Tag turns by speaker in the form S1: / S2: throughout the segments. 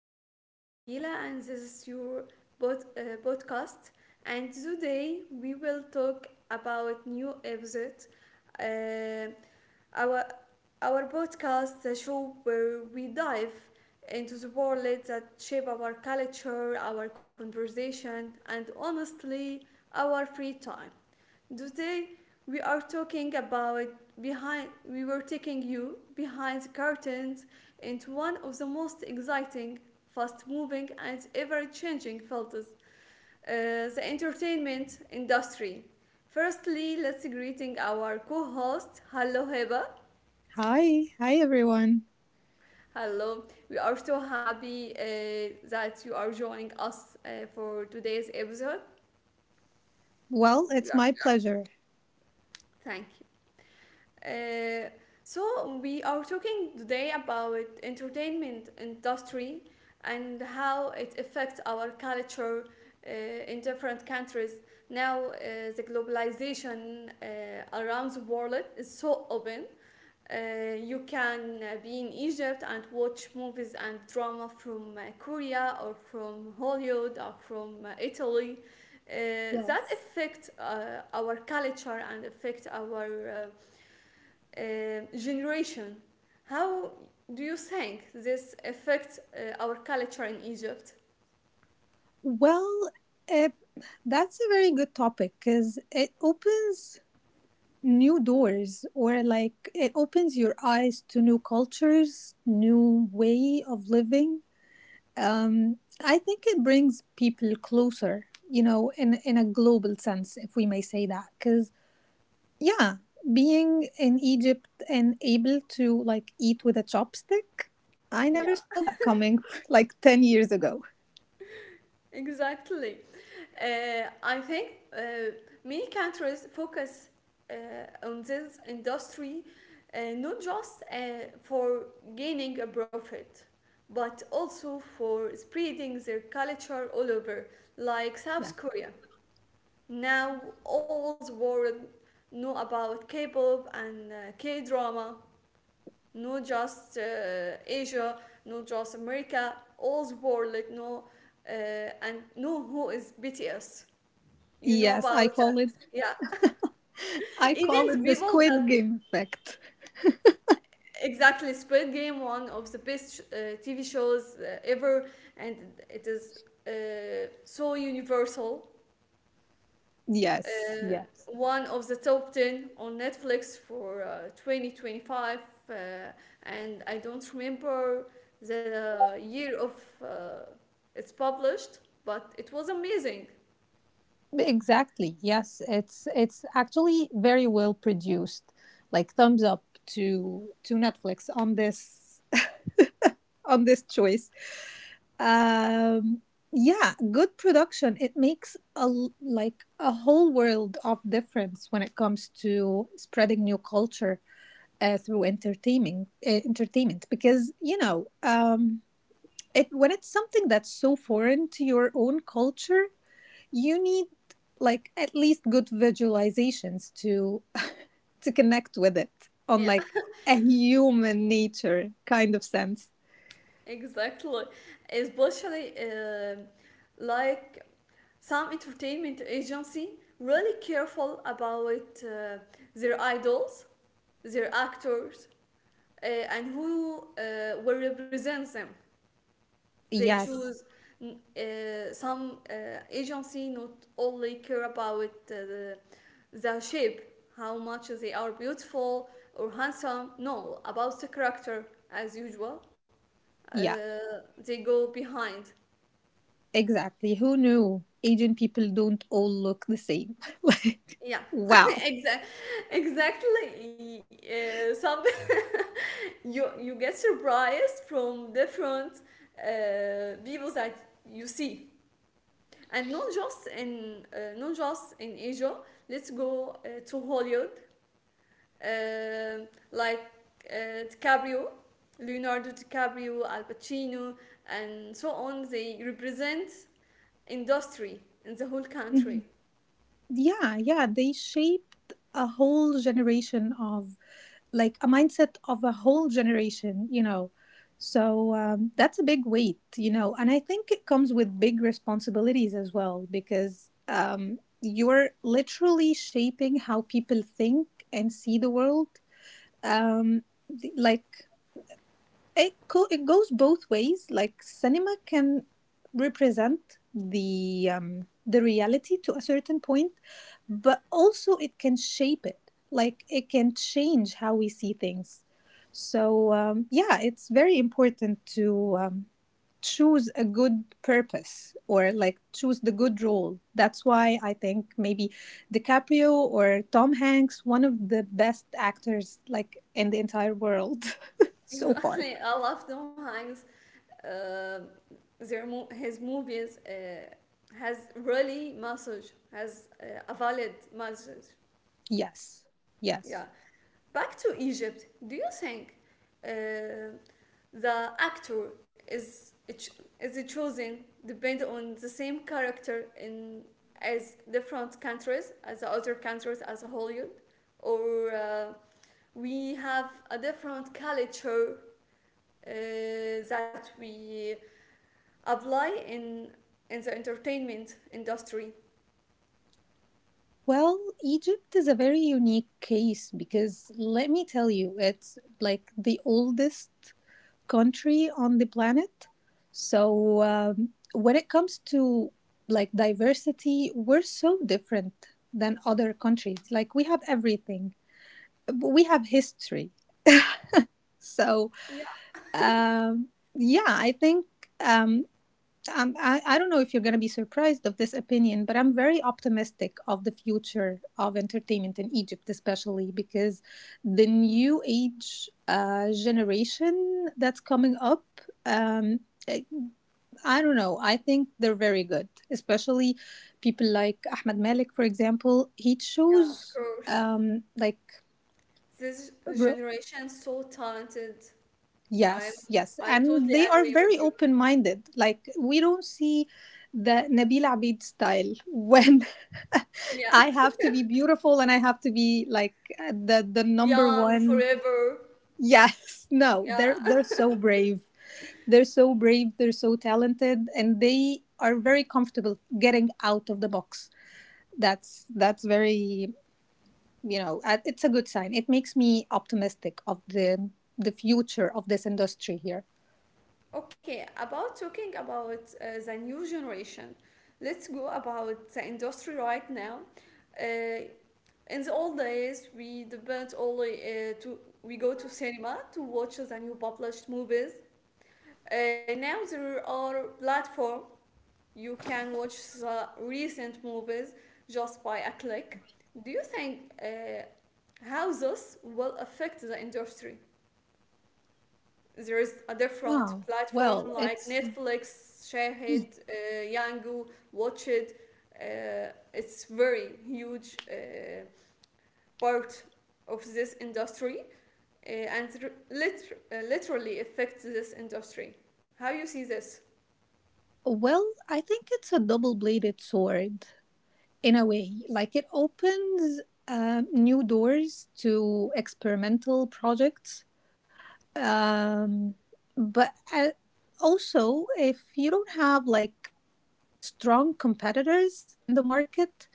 S1: I am Nabila, and this is your podcast. And today we will talk about new episode. Uh, our, our podcast, a show where we dive into the world that shape our culture, our conversation, and honestly, our free time. Today, we are talking about we were taking you behind the curtains into one of the most exciting, fast moving, and ever changing fields, the entertainment industry. Firstly, let's greeting our co-host. Hello, Heba.
S2: Hi. Hi, everyone.
S1: Hello, we are so happy that you are joining us for today's episode.
S2: Well,
S1: We
S2: it's
S1: are,
S2: my pleasure.
S1: Thank you. So we are talking today about entertainment industry and how it affects our culture in different countries. Now The globalization around the world is so open. You can be in Egypt and watch movies and drama from Korea or from Hollywood or from Italy. That
S2: Yes.
S1: affect our culture and affect our uh, generation. How do you think this affects our culture in Egypt?
S2: Well, uh, that's a very good topic because it opens new doors, or like it opens your eyes to new cultures, new way of living. Um, I think it brings people closer, you know, in a global sense, if we may say that, because yeah, being in Egypt and able to like eat with a chopstick, I never
S1: Yeah.
S2: saw that coming like 10 years ago.
S1: Exactly. I think many countries focus on this industry, not just for gaining a profit, but also for spreading their culture all over, like
S2: Yeah.
S1: South Korea. Now all the world know about K-pop and K-drama. Not just Asia, not just America, all the world, like, no, uh, and know who is BTS. You know
S2: Yes, I
S1: about that,
S2: call it
S1: yeah.
S2: I call
S1: Even the
S2: it the
S1: people that,
S2: squid game effect.
S1: exactly. Squid Game, one of the best TV shows ever, and it is so universal,
S2: Yes.
S1: uh,
S2: Yeah.
S1: one of the top 10 on Netflix for 2025, uh, and I don't remember the year of uh, it's published, but it was amazing.
S2: Exactly. Yes, it's actually very well produced. Like thumbs up to Netflix on this on this choice. um yeah, good production. It makes like a whole world of difference when it comes to spreading new culture through entertaining entertainment, because you know it, when it's something that's so foreign to your own culture, you need like at least good visualizations to to connect with it on
S1: Yeah,
S2: like a human nature kind of sense.
S1: exactly. Especially like some entertainment agency really careful about their idols, their actors, and who will represent them. They
S2: Yes.
S1: choose, some agency not only care about the shape, how much they are beautiful or handsome, no, about the character, as usual. uh,
S2: Yeah.
S1: they go behind.
S2: Exactly. Who knew Asian people don't all look the same? Like,
S1: Yeah,
S2: wow.
S1: exactly. Exactly, some. You get surprised from different people that you see, and not just in, not just in Asia. Let's go to Hollywood, like, DiCaprio, Leonardo DiCaprio, Al Pacino, and so on. They represent industry in the whole
S2: Mhm.
S1: country.
S2: Yeah, yeah. They shaped a whole generation of, like, a mindset of a whole generation, you know. So that's a big weight, you know. And I think it comes with big responsibilities as well, because you're literally shaping how people think and see the world. Um, like, it goes both ways. Like cinema can represent the reality to a certain point, but also it can shape it. Like it can change how we see things. So yeah, it's very important to choose a good purpose, or like choose the good role. That's why I think maybe DiCaprio or Tom Hanks, one of the best actors like in the entire world so far.
S1: Exactly, I love Tom Hanks. Uh, his movies has really message, has a valid message.
S2: Yes,
S1: Yeah.
S2: yes.
S1: Back to Egypt. Do you think uh, the actor is chosen depend on the same character in, as different countries, as the other countries, as Hollywood, or we have a different culture uh, that we apply in the entertainment industry.
S2: Well, Egypt is a very unique case, because let me tell you, it's like the oldest country on the planet. So, when it comes to like diversity, we're so different than other countries. Like, we have everything, but we have history. So,
S1: Yeah,
S2: um, yeah, I think um, I don't know if you're going to be surprised of this opinion, but I'm very optimistic of the future of entertainment in Egypt, especially because the new age generation that's coming up, um, I, I don't know, I think they're very good, especially people like Ahmed Malik, for example. He
S1: yeah, of
S2: chose
S1: course.
S2: um, like
S1: This generation so talented. I'm
S2: Yes, yes.
S1: I
S2: And
S1: totally
S2: they are
S1: agree
S2: very
S1: with you.
S2: open minded. Like, we don't see the Nabil Abid style when
S1: Yeah,
S2: I have to be beautiful and I have to be like the number
S1: young
S2: one.
S1: forever.
S2: Yes, no,
S1: Yeah.
S2: they're so brave. They're so brave. They're so talented. And they are very comfortable getting out of the box. That's very, you know, it's a good sign. It makes me optimistic of the future of this industry here.
S1: Okay, about talking about the new generation, let's go about the industry right now. Uh, in the old days, we depend only to we go to cinema to watch the new published movies. Now there are platform you can watch the recent movies just by a click. Do you think how this will affect the industry? There is a different
S2: Oh,
S1: platform
S2: well,
S1: like
S2: it's
S1: Netflix, Shahid, Yango, Watch It. It's very huge part of this industry, and literally affects this industry. How you see this?
S2: well, I think it's a double-bladed sword in a way. Like it opens new doors to experimental projects. Um, but Also, if you don't have like strong competitors in the market,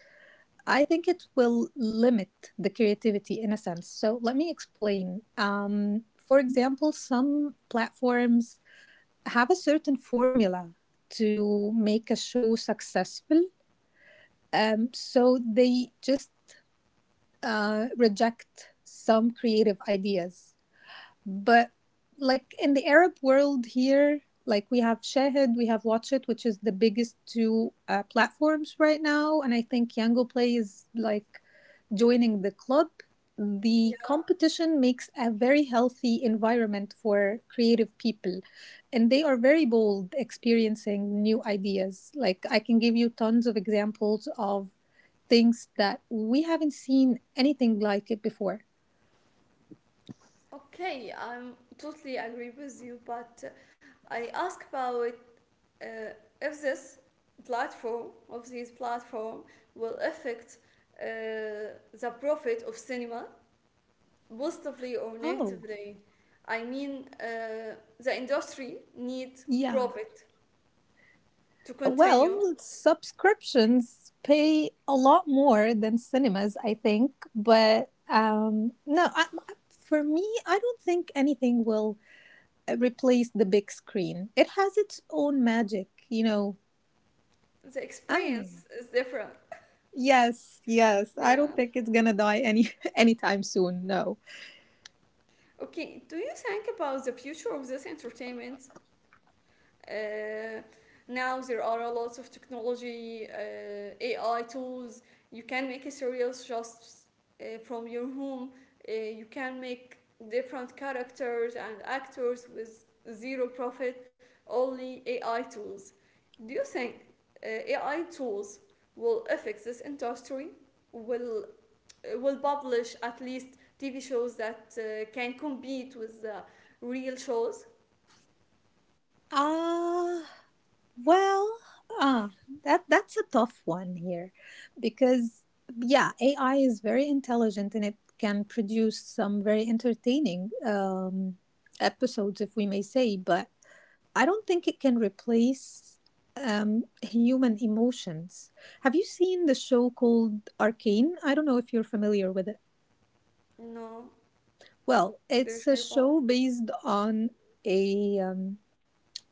S2: I think it will limit the creativity in a sense. So let me explain. For example, some platforms have a certain formula to make a show successful. So they just reject some creative ideas. But like in the Arab world here, like we have Shahid, we have Watch It, which is the biggest two platforms right now, and I think Yango Play is like joining the club.
S1: Yeah.
S2: The competition makes a very healthy environment for creative people. And they are very bold experiencing new ideas. Like, I can give you tons of examples of things that we haven't seen anything like it before.
S1: Okay, I'm totally agree with you, but I ask about if this platform of these platform will affect the profit of cinema positively or
S2: Oh,
S1: negatively. I mean, the industry needs
S2: yeah.
S1: profit to continue.
S2: Well, subscriptions pay a lot more than cinemas, I think. But no, I, for me, I don't think anything will replace the big screen. It has its own magic, you know.
S1: The
S2: I don't know.
S1: experience is different.
S2: Yes, yes. I
S1: Yeah.
S2: don't think it's gonna die any anytime soon. No.
S1: Okay. Do you think about the future of this entertainment? Uh, Now there are a lot of technology, AI tools. You can make a series just from your home. You can make different characters and actors with zero profit, only AI tools. Do you think AI tools will affect this industry? Will will publish at least TV shows that can compete with the real shows?
S2: Ah, well, ah, that's a tough one here, because yeah, AI is very intelligent and it can produce some very entertaining episodes, if we may say, but I don't think it can replace human emotions. Have you seen the show called Arcane? I don't know if you're familiar with it.
S1: No,
S2: Well,
S1: there's
S2: it's a
S1: no.
S2: show based on a um,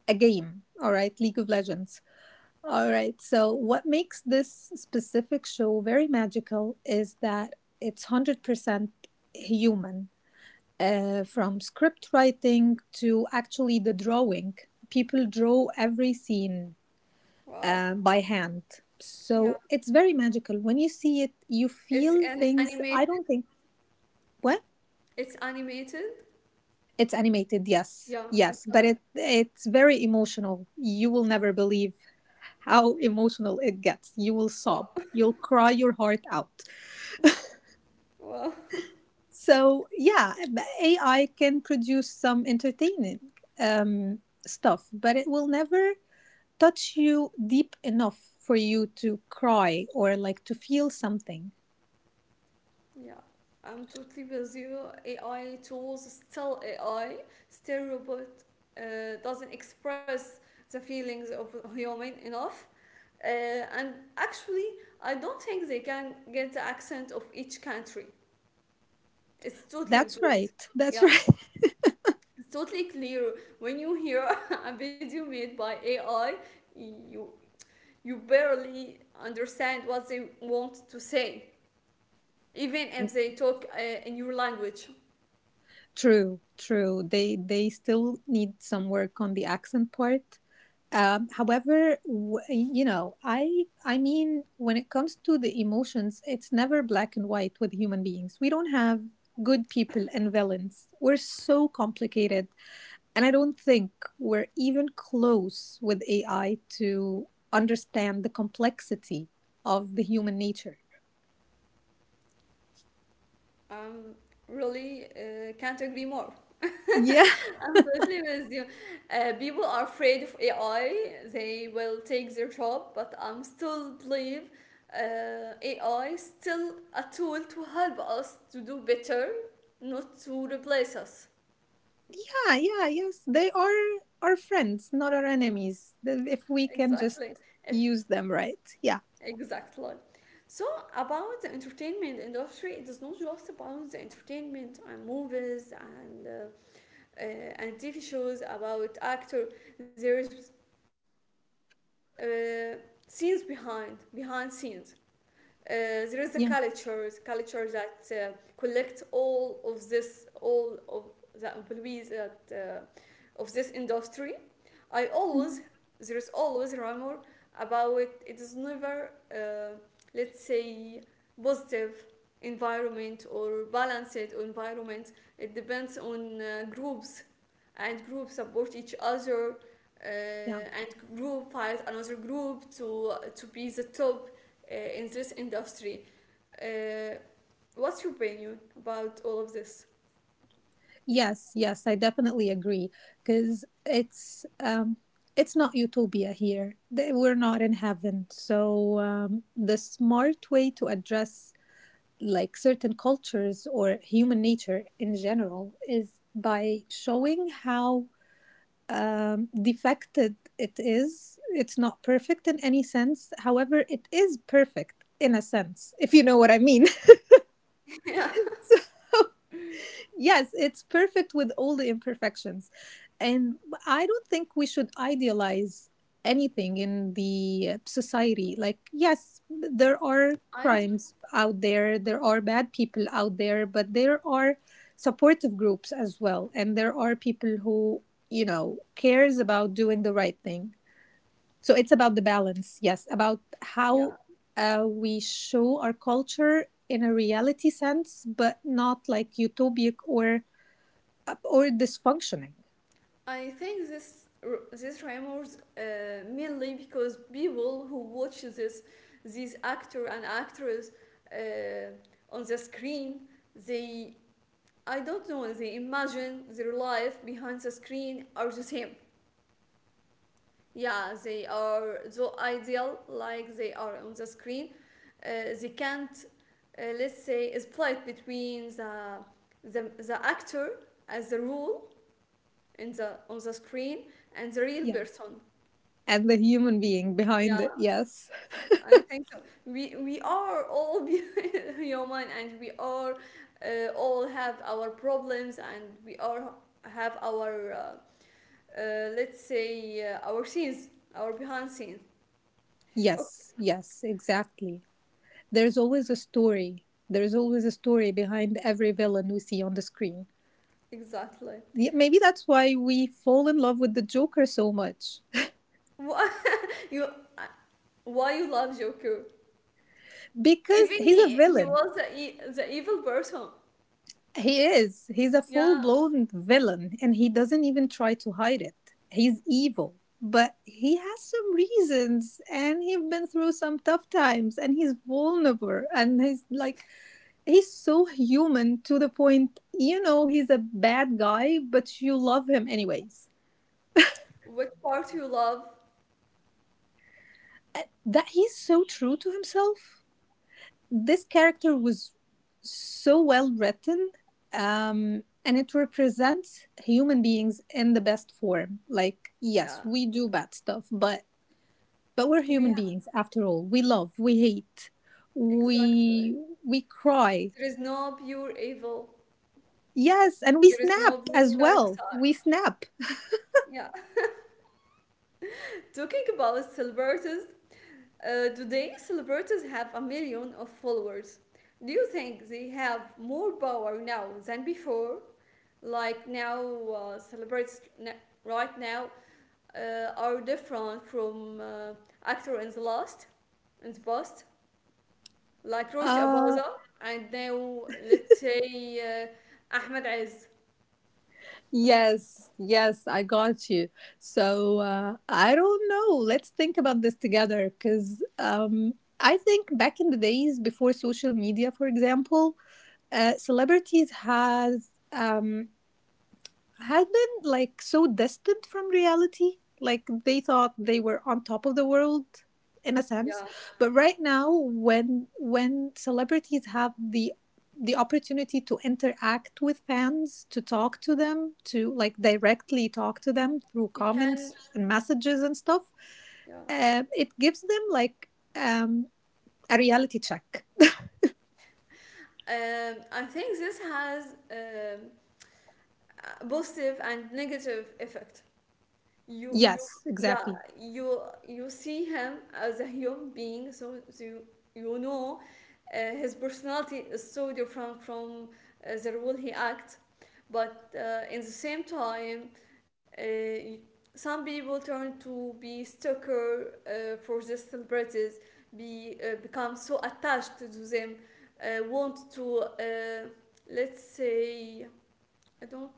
S2: a game. All right, League of Legends. All right. So what makes this specific show very magical is that it's 100% human, from script writing to actually the drawing. People draw every scene
S1: Wow.
S2: by hand.
S1: Yeah.
S2: So it's very magical. When you see it, you
S1: It's
S2: feel
S1: an
S2: things.
S1: animated.
S2: I don't think what
S1: It's animated.
S2: It's animated. Yes,
S1: Yeah.
S2: yes, but
S1: Okay.
S2: it's very emotional. You will never believe how emotional it gets. You will
S1: Wow.
S2: sob. You'll cry your heart out.
S1: Wow.
S2: So yeah, the AI can produce some entertaining um, stuff, but it will never touch you deep enough for you to cry or like to feel something.
S1: Yeah. I'm totally with you. AI tools still AI. Still robot, doesn't express the feelings of human enough. Uh, and actually, I don't think they can get the accent of each country. It's totally
S2: That's right.
S1: with.
S2: That's
S1: Yeah,
S2: right.
S1: it's totally clear when you hear a video made by AI, you you barely understand what they want to say, even if they talk in your language.
S2: True, true. They still need some work on the accent part. However, when it comes to the emotions, it's never black and white with human beings. We don't have good people and villains. We're so complicated, and I don't think we're even close with AI to understand the complexity of the human nature.
S1: Um, Really, can't agree more.
S2: Yeah.
S1: I'm totally with you. People are afraid of AI. They will take their job, but I'm still believe AI is still a tool to help us to do better, not to replace us.
S2: Yeah, yeah, yes, they are our friends, not our enemies. If we can just
S1: Exactly. If
S2: use them right. Yeah.
S1: Exactly. So, about the entertainment industry, it is not just about the entertainment and movies uh, and TV shows about actor. There is, uh, scenes behind scenes. Uh, there is the culture, the
S2: Yeah.
S1: culture that collects all of this, all of the employees that, of this industry. I always
S2: Mhm.
S1: There is always rumor about it. It is never let's say positive environment or balanced environment. It depends on groups, and groups support each other,
S2: Yeah.
S1: and group fight another group to be the top in this industry. Uh, what's your opinion about all of this?
S2: Yes, yes, I definitely agree because it's not utopia here. We're not in heaven. So the smart way to address like certain cultures or human nature in general is by showing how defected it is. It's not perfect in any sense. However, it is perfect in a sense, if you know what I mean.
S1: Yeah,
S2: Yes, it's perfect with all the imperfections. And I don't think we should idealize anything in the society. Like, yes, there are
S1: I
S2: crimes out there, there are bad people out there, but there are supportive groups as well. And there are people who, you know, cares about doing the right thing. So it's about the balance, yes, about
S1: yeah.
S2: how we show our culture in a reality sense, but not like utopic or dysfunctioning.
S1: I think this rumors mainly because people who watch this these actor and actress on the screen, they I don't know, they imagine their life behind the screen are the same. Yeah, they are so ideal like they are on the screen. They can't let's say split between the actor as the role in the on the screen and the real
S2: Yeah,
S1: person.
S2: and the human being behind it.
S1: Yeah,
S2: Yes,
S1: I think so. We are all human, and we are all have our problems, and we all have our let's say, our scenes, our behind scenes. Okay,
S2: yes, yes, exactly. There's always a story. There's always a story behind every villain we see on the screen.
S1: exactly.
S2: Yeah, maybe that's why we fall in love with the Joker so much.
S1: Why you? Why you love Joker?
S2: Because
S1: Even
S2: he's a
S1: he
S2: villain.
S1: was the evil person.
S2: He is. He's a full
S1: Yeah.
S2: blown villain and he doesn't even try to hide it. He's evil, but he has some reasons and he's been through some tough times and he's vulnerable and he's like, he's so human to the point, you know, he's a bad guy, but you love him anyways.
S1: What part you love?
S2: That he's so true to himself. This character was so well written, and it represents human beings in the best form. Like
S1: Yeah.
S2: yes, we do bad stuff, but we're
S1: We
S2: human
S1: ha-
S2: beings after all. We love, we hate,
S1: exactly.
S2: we we cry,
S1: There is no pure evil.
S2: yes, and we
S1: There is
S2: snap
S1: no pure
S2: as
S1: dark
S2: well.
S1: side.
S2: We snap.
S1: Yeah. Talking about celebrities, today celebrities have a million of followers. Do you think they have more power now than before? Like now, uh, celebrities n- right now are different from actor in the last, in the past, like Roger
S2: uh
S1: Abaza, and now let's say, Ahmed Aziz.
S2: Yes, yes, I got you. So I don't know. Let's think about this together, because I think back in the days before social media, for example, celebrities has. Had been like so distant from reality. Like they thought they were on top of the world in a
S1: Yeah,
S2: sense. But right now when celebrities have the opportunity to interact with fans, to talk to them, to like directly talk to them through
S1: you can.
S2: comments and messages and stuff,
S1: Yeah.
S2: it gives them like um, a reality check.
S1: I think this has positive and negative effect. You
S2: Yes,
S1: Yeah,
S2: exactly.
S1: you see him as a human being, so, you, you know, his personality is so different from the role he acts. But in the same time, uh, some people turn to be stalker for the celebrities, be become so attached to them, want to, let's say, I don't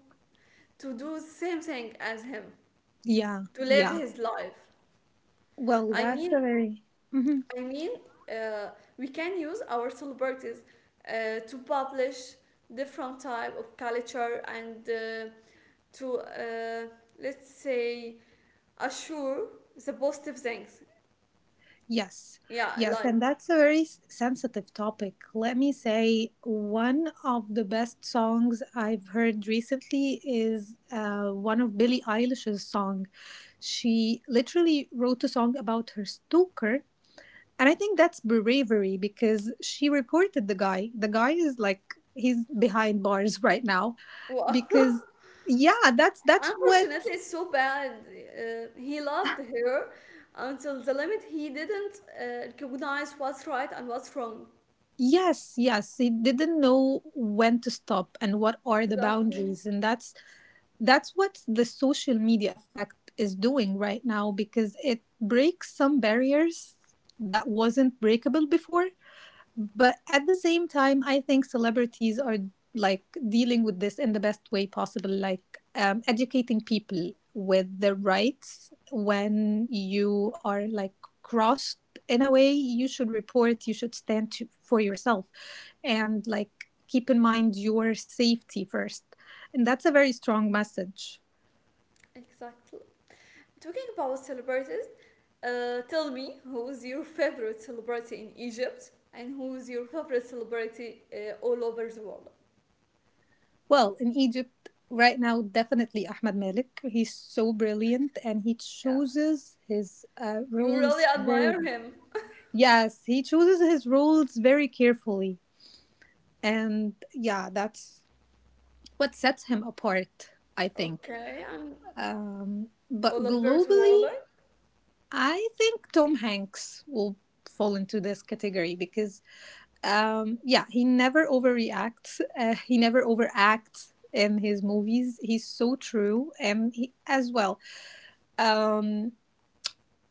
S1: to do same thing as him,
S2: Yeah,
S1: to live
S2: yeah.
S1: his life.
S2: Well,
S1: i
S2: that's
S1: mean
S2: a very Mhm.
S1: i mean uh, we can use our celebrities to publish different type of culture and, to, let's say, assure the positive things.
S2: Yes,
S1: Yeah,
S2: yes,
S1: like.
S2: and that's a very sensitive topic. Let me say, one of the best songs I've heard recently is one of Billie Eilish's song. She literally wrote a song about her stalker, and I think that's bravery because she reported the guy. The guy is like he's behind bars right now
S1: Well,
S2: because that's what.
S1: unfortunately it's so bad, he loved her until the limit he didn't recognize what's right and what's wrong.
S2: Yes, yes. He didn't know when to stop and what are the
S1: Exactly.
S2: boundaries. And That's what the social media effect is doing right now because it breaks some barriers that wasn't breakable before. But at the same time, I think celebrities are dealing with this in the best way possible, educating people with the rights when you are like crossed in a way. You should report, you should stand to, for yourself and keep in mind your safety first, and that's a very strong message.
S1: Exactly. Talking about celebrities, tell me who's your favorite celebrity in Egypt and who's your favorite celebrity all over the world?
S2: Well, in Egypt right now, definitely Ahmed Malik. He's so brilliant and he
S1: Yeah,
S2: chooses his
S1: you really
S2: roles very...
S1: admire him.
S2: Yes, he chooses his roles very carefully. And yeah, that's what sets him apart, I think.
S1: Okay, and
S2: But
S1: all over the world.
S2: globally, I think Tom Hanks will fall into this category because, yeah, he never overreacts, he never overacts in his movies. He's so true. And he, as well, um,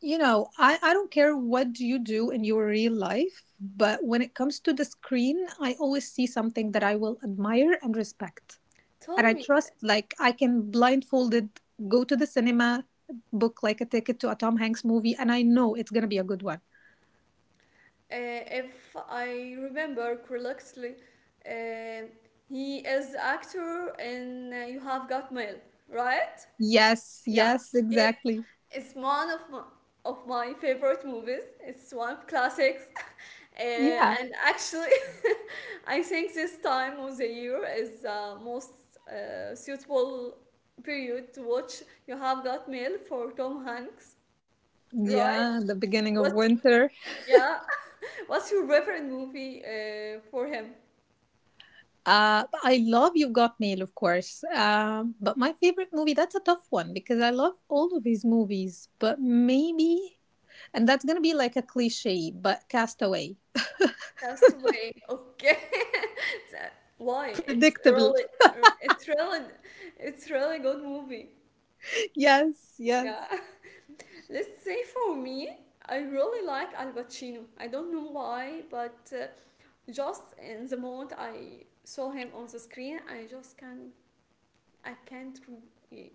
S2: I don't care what you do in your real life, but when it comes to the screen, I always see something that I will admire and respect. And
S1: Tell
S2: I
S1: me,
S2: trust, like, I can blindfolded go to the cinema, book like a ticket to a Tom Hanks movie, and I know it's going to be a good one.
S1: if I remember correctly, uh, he is actor in You Have Got Mail, right?
S2: Yes,
S1: Yeah,
S2: yes,
S1: it,
S2: exactly.
S1: it's one of my favorite movies. It's one of classics,
S2: Yeah.
S1: and actually, I think this time of the year is the most suitable period to watch You have got mail for Tom Hanks, right?
S2: Yeah, the beginning of
S1: What's
S2: winter.
S1: Yeah? What's your favorite movie for him?
S2: But I love You Got Mail, of course. But my favorite movie, that's a tough one because I love all of his movies. But maybe... And that's going to be like a cliche, but Castaway.
S1: Castaway. Okay. It's, uh, Why?
S2: Predictable.
S1: It's really, it's really good movie.
S2: Yes, yes.
S1: Yeah. Let's say for me, I really like Al Pacino. I don't know why, but just in the moment I saw him on the screen, I just can't, I can't, re-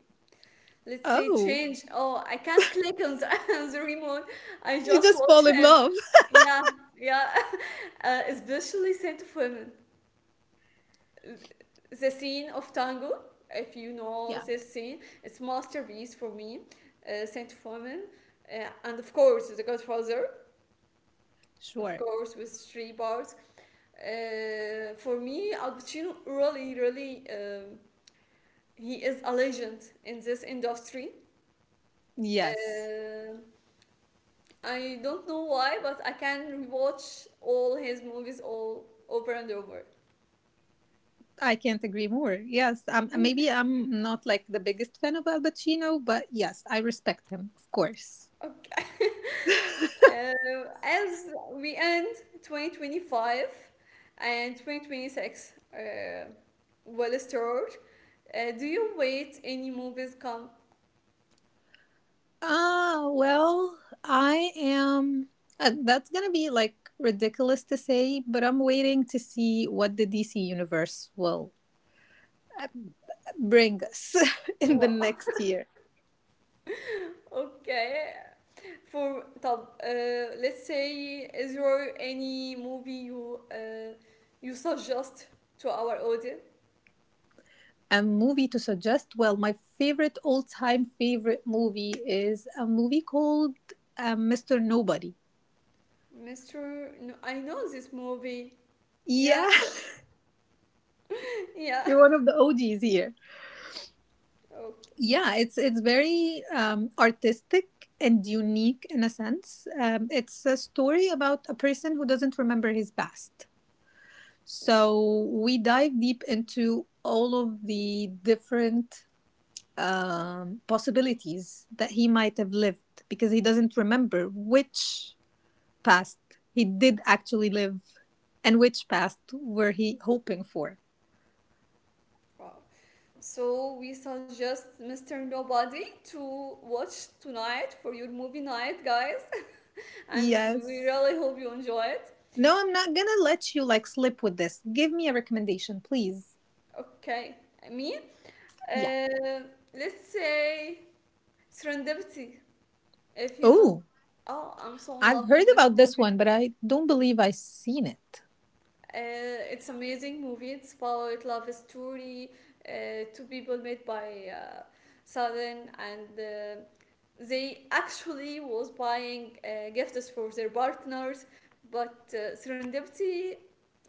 S1: let's say
S2: Oh,
S1: change. Oh, I can't click on the, on the remote. I
S2: you
S1: just
S2: just
S1: watch
S2: fall in
S1: him.
S2: love.
S1: Yeah, yeah. Especially Scent of Women. The scene of tango, if you know
S2: Yeah,
S1: this scene, it's masterpiece for me. Saint fomin, and of course the godfather, of
S2: sure.
S1: course, with three parts. For me, Al Pacino really really, he is a legend in this industry.
S2: Yes.
S1: uh, I don't know why, but I can rewatch all his movies all over and over.
S2: I can't agree more. Yes, maybe I'm not like the biggest fan of Al Pacino, but yes, I respect him, of course.
S1: Okay. As we end 2025 and 2026, well stored, do you wait any movies come?
S2: Ah, well, I am. That's gonna be like ridiculous to say, but I'm waiting to see what the DC universe will bring us in the
S1: Wow.
S2: next year.
S1: Okay. For طب, let's say, is there any movie you suggest to our audience?
S2: A movie to suggest? Well, my favorite all time favorite movie is a movie called Mr. Nobody.
S1: Mr. No, I know this movie. Yeah.
S2: Yeah,
S1: Yeah.
S2: you're one of the OGs here.
S1: Okay.
S2: Yeah, it's very artistic and unique in a sense. It's a story about a person who doesn't remember his past.
S1: No.
S2: So we dive deep into all of the different possibilities that he might have lived because he doesn't remember which past he did actually live and which past were he hoping for?
S1: Wow. So we suggest Mr. Nobody to watch tonight for your movie night, guys. And we really
S2: Yes.
S1: hope you enjoy it.
S2: No, I'm not gonna let you like slip with this. Give me a recommendation, please.
S1: Okay, me.
S2: Yeah.
S1: Uh, let's say, Serendipity, if you know.
S2: Oh,
S1: Oh, I'm so in
S2: I've
S1: love
S2: heard
S1: with this
S2: about this
S1: movie.
S2: one, but I don't believe I've seen it.
S1: It's amazing movie. It's about love story. Two people met by, sudden, and they actually was buying gifts for their partners, but, serendipity,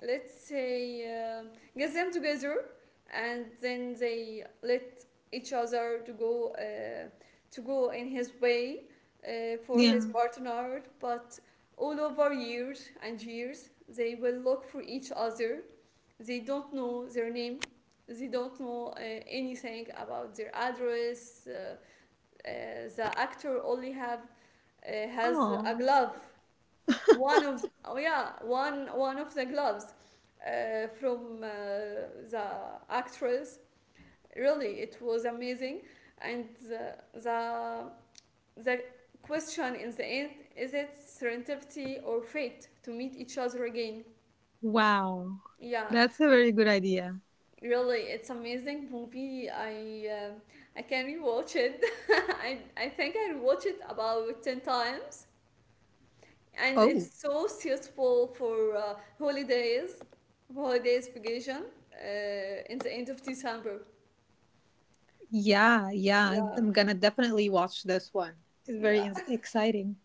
S1: let's say, get them together, and then they let each other to go, in his way for his
S2: Yeah.
S1: partner. But all over years and years they will look for each other, they don't know their name, they don't know anything about their address. Uh, the actor only have has a
S2: Oh,
S1: glove, one of the, oh yeah, one of the gloves, from, the actress. Really, it was amazing. And the question in the end is, it serendipity or fate to meet each other again?
S2: wow.
S1: Yeah,
S2: That's a very good idea.
S1: really, it's amazing movie. I can rewatch it. I think I rewatched it about 10 times, and
S2: Oh,
S1: it's so suitable for holidays, holidays vacation, in the end of December.
S2: yeah, yeah.
S1: Yeah,
S2: I'm gonna definitely watch this one. It's very
S1: yeah.
S2: exciting.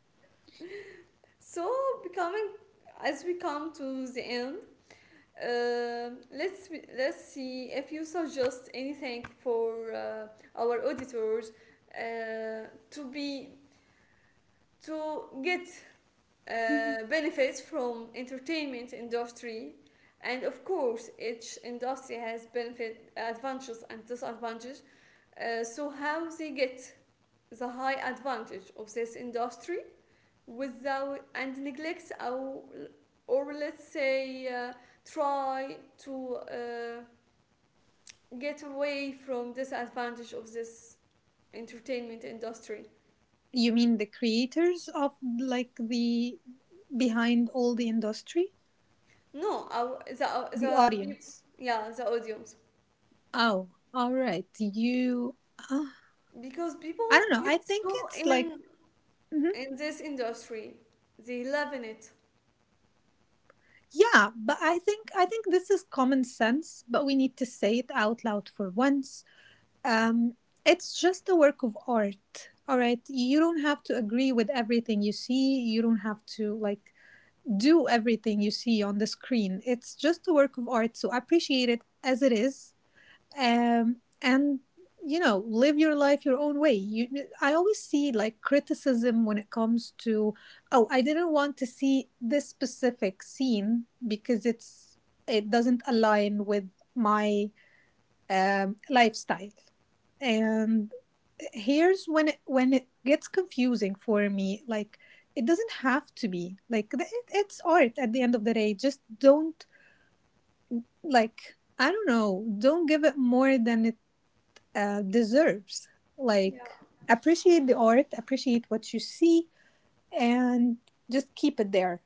S1: So, becoming as we come to the end, Um, let's let's see if you suggest anything for our auditors uh, to be to get
S2: Mhm.
S1: benefits from entertainment industry. And of course each industry has benefit, advantages and disadvantages. So, how they get the high advantage of this industry without and neglect, or let's say, try to, get away from disadvantage of this entertainment industry.
S2: You mean the creators of like the behind all the industry?
S1: No, our,
S2: The
S1: the peop-
S2: audience.
S1: yeah, the audience,
S2: Oh, all right. You. Uh,
S1: because people
S2: I don't know.
S1: get
S2: I think
S1: so
S2: it's like.
S1: in,
S2: Mhm.
S1: this industry, they love in it.
S2: Yeah, but I think this is common sense, but we need to say it out loud for once. Um, it's just a work of art. All right, you don't have to agree with everything you see. You don't have to like do everything you see on the screen. It's just a work of art, so appreciate it as it is, and you know, live your life your own way. You I always see like criticism when it comes to, oh, I didn't want to see this specific scene because it's, it doesn't align with my lifestyle. And here's when it gets confusing for me, like it doesn't have to be like it's art at the end of the day. Just don't like, I don't know, don't give it more than it deserves. Like,
S1: Yeah,
S2: appreciate the art, appreciate what you see, and just keep it there.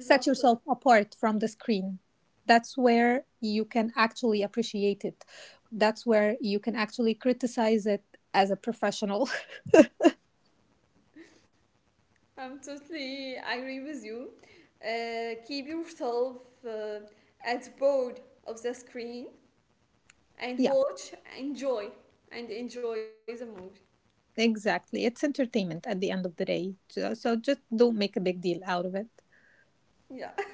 S2: Set yourself apart from the screen. That's where you can actually appreciate it. That's where you can actually criticize it as a professional.
S1: I'm totally agree with you. Keep yourself uh, at board of the screen and
S2: Yeah,
S1: watch, enjoy, and enjoy the movie.
S2: exactly. It's entertainment at the end of the day. So just don't make a big deal out of it.
S1: Yeah.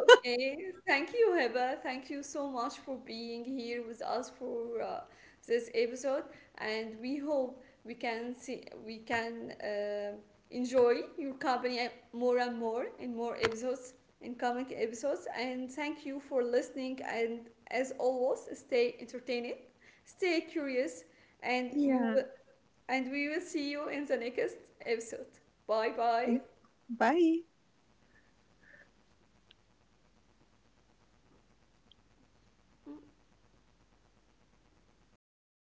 S1: Okay. Thank you, Heba. Thank you so much for being here with us for this episode, and we hope we can enjoy your company more and more in more episodes, in coming episodes. And thank you for listening. And as always, stay entertained, stay curious, and you
S2: Yeah.
S1: will and we will see you in the next episode. Bye
S2: Thank-
S1: bye.
S2: Bye.